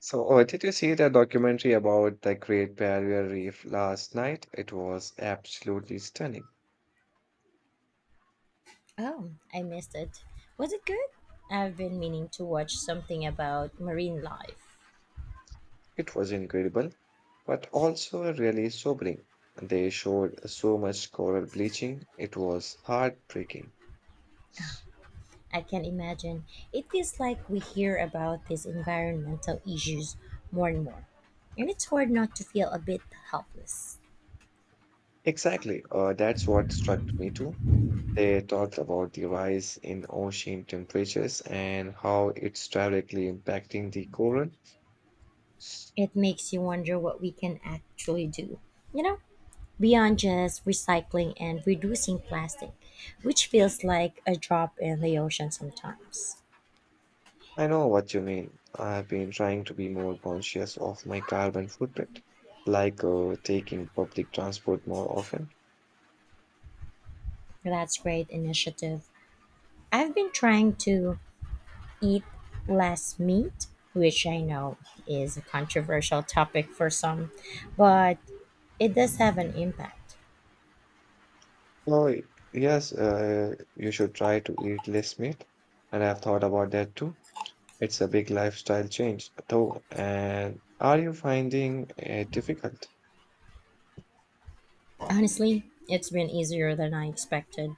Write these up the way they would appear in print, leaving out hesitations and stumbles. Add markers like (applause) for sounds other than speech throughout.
So, oh, did you see the documentary about the Great Barrier Reef last night? It was absolutely stunning. Oh, I missed it. Was it good? I've been meaning to watch something about marine life. It was incredible, but also really sobering. They showed so much coral bleaching, it was heartbreaking. I can imagine. It feels like we hear about these environmental issues more and more. And it's hard not to feel a bit helpless. Exactly, that's what struck me too. They talked about the rise in ocean temperatures and how it's directly impacting the coral. It makes you wonder what we can actually do. You know, beyond just recycling and reducing plastic, which feels like a drop in the ocean sometimes. I know what you mean. I've been trying to be more conscious of my carbon footprint, like taking public transport more often. That's great initiative. I've been trying to eat less meat, which I know is a controversial topic for some, but it does have an impact. Oh, yes, you should try to eat less meat. And I've thought about that too. It's a big lifestyle change, though. And are you finding it difficult? Honestly, it's been easier than I expected.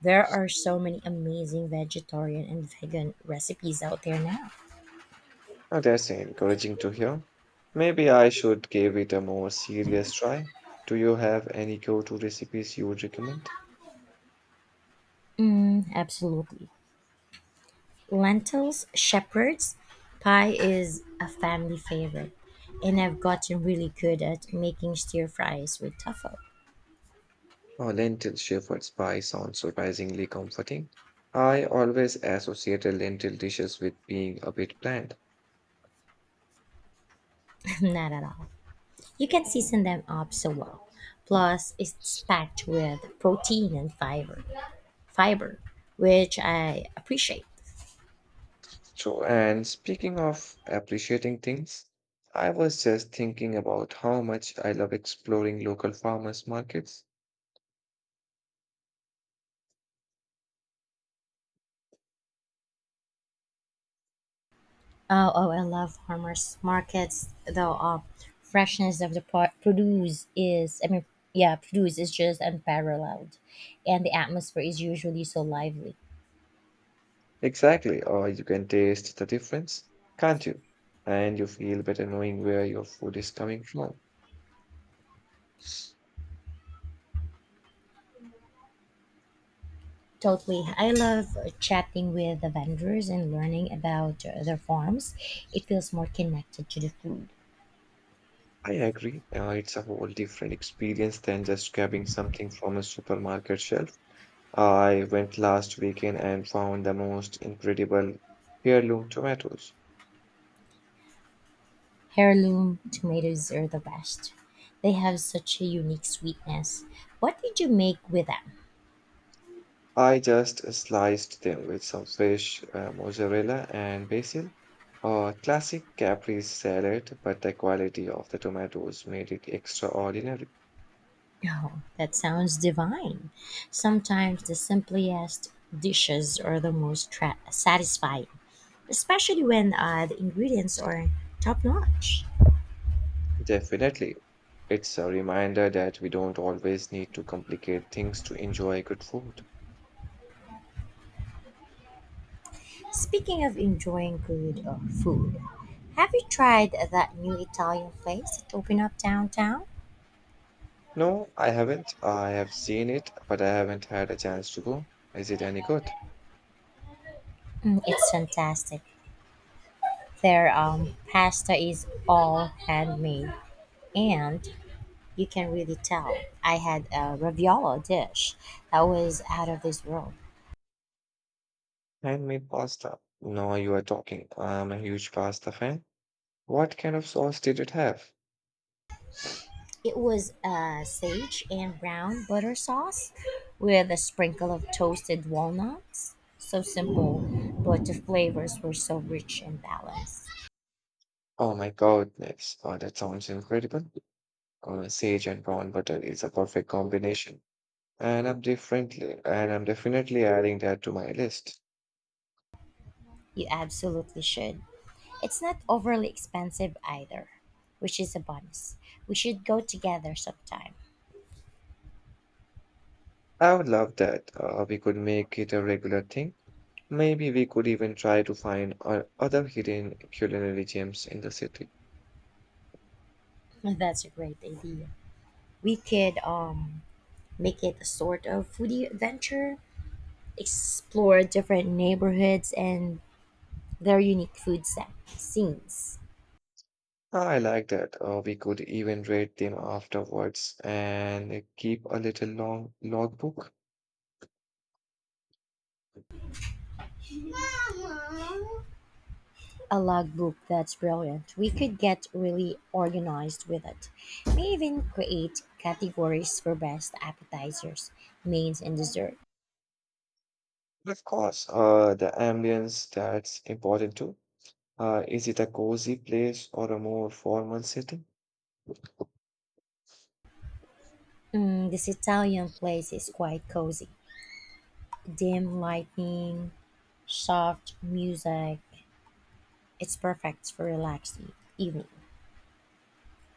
There are so many amazing vegetarian and vegan recipes out there now. Oh, that's encouraging to hear. Maybe I should give it a more serious try. Do you have any go-to recipes you would recommend? Mm, absolutely. Lentils, shepherd's pie is a family favorite, and I've gotten really good at making stir fries with tofu. Oh, lentil shepherd's pie sounds surprisingly comforting. I always associated lentil dishes with being a bit bland. (laughs) Not at all. You can season them up so well. Plus, it's packed with protein and fiber, which I appreciate. So, and speaking of appreciating things, I was just thinking about how much I love exploring local farmers markets. Oh, I love farmers markets though. Freshness of the produce is, I mean, yeah, produce is just unparalleled, and the atmosphere is usually so lively. Exactly, or you can taste the difference, can't you? And you feel better knowing where your food is coming from. Totally. I love chatting with the vendors and learning about their farms. It feels more connected to the food. I agree. It's a whole different experience than just grabbing something from a supermarket shelf. I went last weekend and found the most incredible heirloom tomatoes. Heirloom tomatoes are the best. They have such a unique sweetness. What did you make with them? I just sliced them with some fresh mozzarella and basil. A classic caprese salad, but the quality of the tomatoes made it extraordinary. Oh, that sounds divine. Sometimes the simplest dishes are the most satisfying, especially when the ingredients are top notch. Definitely, it's a reminder that we don't always need to complicate things to enjoy good food. Speaking of enjoying good food, have you tried that new Italian place that opened up downtown? No, I haven't. I have seen it, but I haven't had a chance to go. Is it any good? Mm, it's fantastic. Their pasta is all handmade. And you can really tell. I had a raviola dish that was out of this world. Handmade pasta. No, you are talking. I'm a huge pasta fan. What kind of sauce did it have? It was sage and brown butter sauce with a sprinkle of toasted walnuts. So simple, but the flavors were so rich and balanced. Oh my goodness. Oh, that sounds incredible. Sage and brown butter is a perfect combination. And I'm definitely adding that to my list. You absolutely should. It's not overly expensive either, which is a bonus. We should go together sometime. I would love that. We could make it a regular thing. Maybe we could even try to find other hidden culinary gems in the city. That's a great idea. We could make it a sort of foodie adventure, explore different neighborhoods and their unique scenes. I like that. We could even rate them afterwards and keep a little long logbook. A logbook, that's brilliant. We could get really organized with it. May even create categories for best appetizers, mains, and dessert. Of course, the ambience, that's important too. Is it a cozy place or a more formal setting? Mm, this Italian place is quite cozy. Mhm. Dim lighting, soft music. It's perfect for relaxed evening.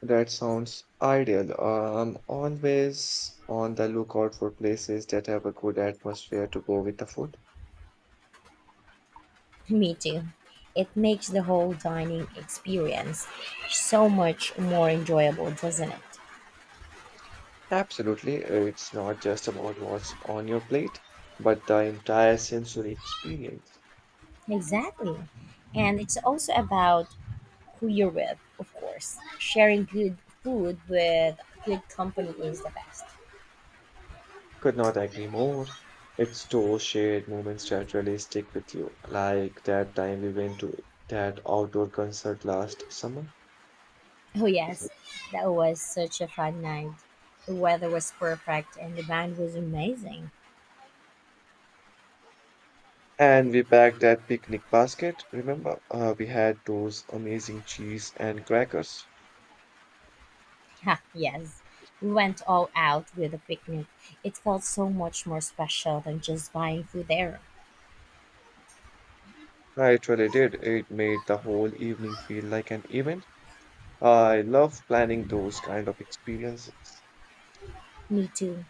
That sounds ideal. I'm always on the lookout for places that have a good atmosphere to go with the food. Me too. It makes the whole dining experience so much more enjoyable, doesn't it? Absolutely. It's not just about what's on your plate, but the entire sensory experience. Exactly. And it's also about who you're with, of course. Sharing good food with good company is the best. Could not agree more. It's those shared moments that really stick with you, like that time we went to that outdoor concert last summer. Oh, yes, that was such a fun night. The weather was perfect and the band was amazing. And we packed that picnic basket. Remember, we had those amazing cheese and crackers. Ha, yes, we went all out with a picnic. It felt so much more special than just buying food there. I really did. It made the whole evening feel like an event. I love planning those kind of experiences. Me too.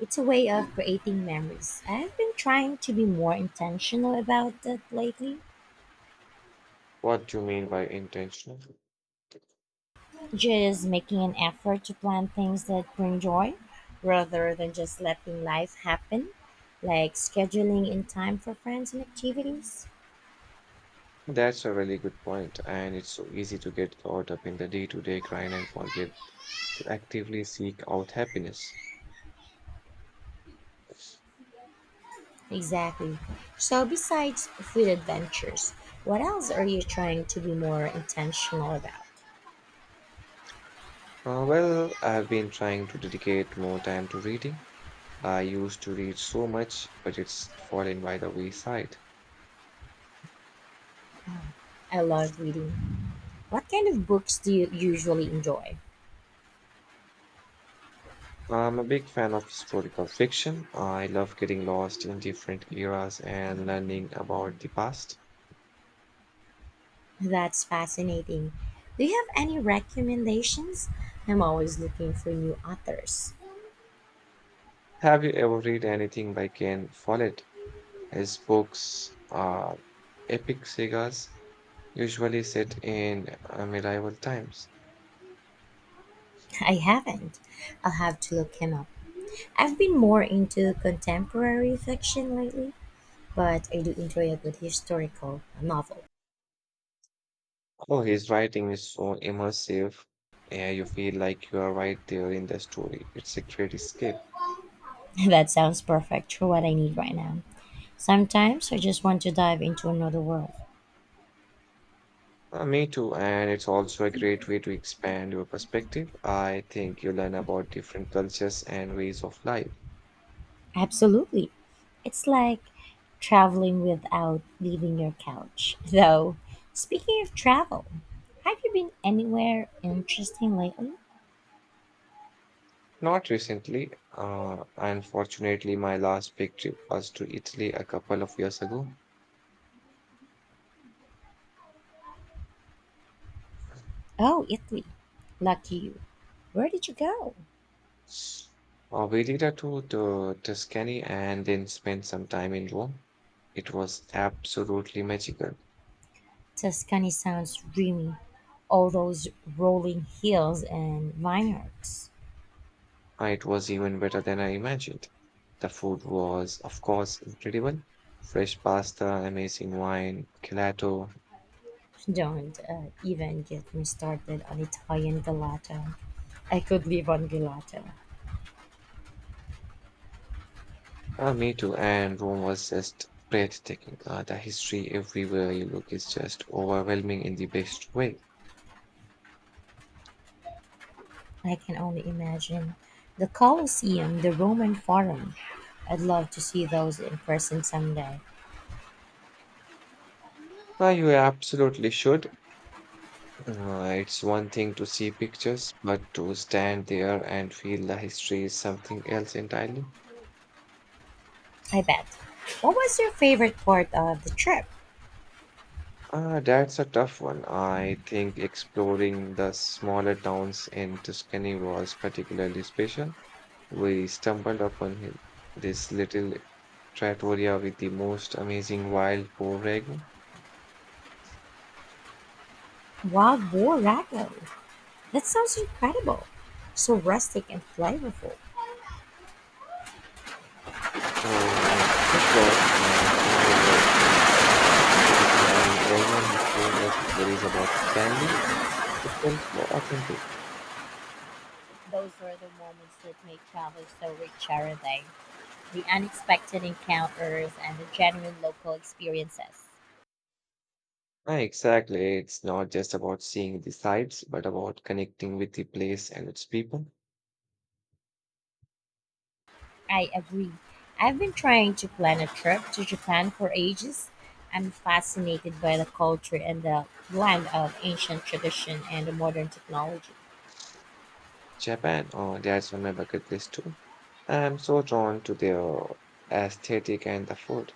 It's a way of creating memories. I've been trying to be more intentional about that lately, What do you mean by intentional? just making an effort to plan things that bring joy rather than just letting life happen, like scheduling in time for friends and activities. That's a really good point, and it's so easy to get caught up in the day-to-day grind and forget to actively seek out happiness. Exactly. So, besides food adventures, what else are you trying to be more intentional about? Well, I've been trying to dedicate more time to reading. I used to read so much, but it's fallen by the wayside. I love reading. What kind of books do you usually enjoy? I'm a big fan of historical fiction. I love getting lost in different eras and learning about the past. That's fascinating. Do you have any recommendations? I'm always looking for new authors. Have you ever read anything by Ken Follett? His books are epic sagas, usually set in medieval times. I haven't. I'll have to look him up. I've been more into contemporary fiction lately, but I do enjoy a good historical novel. Oh, his writing is so immersive, and you feel like you are right there in the story. It's a great escape. (laughs) That sounds perfect for what I need right now. Sometimes I just want to dive into another world. Me too, and it's also a great way to expand your perspective. I think you learn about different cultures and ways of life. Absolutely. It's like traveling without leaving your couch. (laughs) Though, speaking of travel, have you been anywhere interesting lately? Not recently, unfortunately, my last big trip was to Italy a couple of years ago. Oh, Italy. Lucky you. Where did you go? We did a tour to Tuscany and then spent some time in Rome. It was absolutely magical. Tuscany sounds dreamy. All those rolling hills and vineyards. It was even better than I imagined. The food was, of course, incredible. Fresh pasta, amazing wine, gelato. Don't even get me started on Italian gelato. I could live on gelato. Me too. And Rome was just breathtaking. The history everywhere you look is just overwhelming in the best way. I can only imagine. The Colosseum, the Roman Forum. I'd love to see those in person someday. You absolutely should. It's one thing to see pictures, but to stand there and feel the history is something else entirely. I bet. What was your favorite part of the trip? Ah, that's a tough one. I think exploring the smaller towns in Tuscany was particularly special. We stumbled upon this little trattoria with the most amazing wild borrego. Wild boar rattler. That sounds incredible. So rustic and flavorful. Oh, it was, and the owner was this charming old man who told us stories about his family. It felt so authentic. Those are the moments that make travel so rich, are they? The unexpected encounters and the genuine local experiences. Ah, exactly. It's not just about seeing the sights, but about connecting with the place and its people. I agree. I've been trying to plan a trip to Japan for ages. I'm fascinated by the culture and the blend of ancient tradition and modern technology. Japan, oh, that's on my bucket list too. I'm so drawn to their aesthetic and the food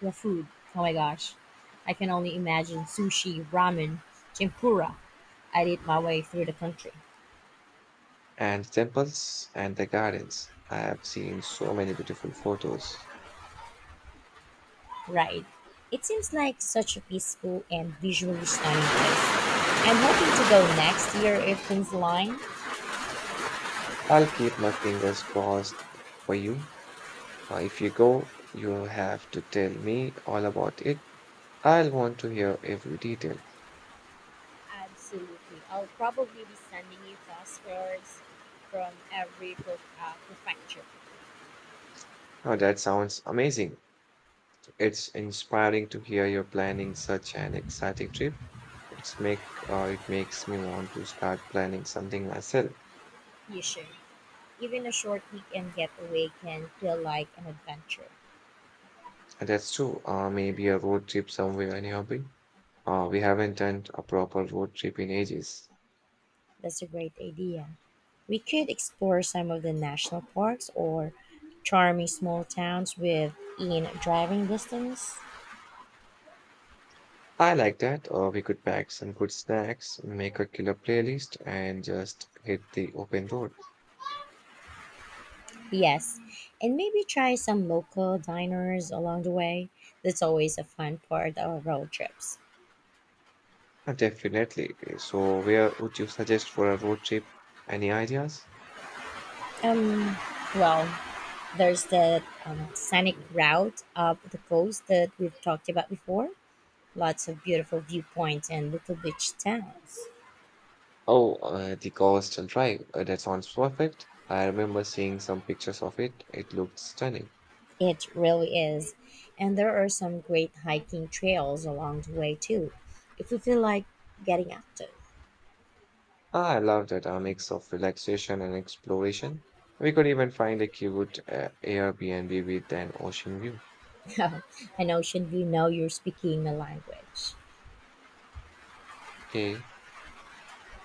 The food, oh my gosh, I can only imagine sushi, ramen, tempura. I'd eat my way through the country. and the temples and the gardens. I have seen so many beautiful photos. Right. It seems like such a peaceful and visually stunning trip. I'm hoping to go next year if things align. I'll keep my fingers crossed for you. If you go, you'll have to tell me all about it. I'll want to hear every detail. Absolutely. I'll probably be sending you passwords from every prefecture. Oh, that sounds amazing. It's inspiring to hear you're planning such an exciting trip. It makes me want to start planning something myself. You should. Even a short weekend getaway can feel like an adventure. And that's true. Maybe a road trip somewhere in Europe. We haven't done a proper road trip in ages. That's a great idea. We could explore some of the national parks or charming small towns within driving distance. I like that. We could pack some good snacks, make a killer playlist, and just hit the open road. Yes, and maybe try some local diners along the way. That's always a fun part of road trips. Definitely. So, where would you suggest for a road trip? Any ideas? Um, well, there's the scenic route up the coast that we've talked about before. Lots of beautiful viewpoints and little beach towns. Oh, the Constant Drive. That sounds perfect. I remember seeing some pictures of it. It looked stunning. It really is. And there are some great hiking trails along the way too, if you feel like getting active. Ah, I love that mix of relaxation and exploration. We could even find a cute Airbnb with an ocean view. (laughs) I know, should view know you're speaking my language. Okay.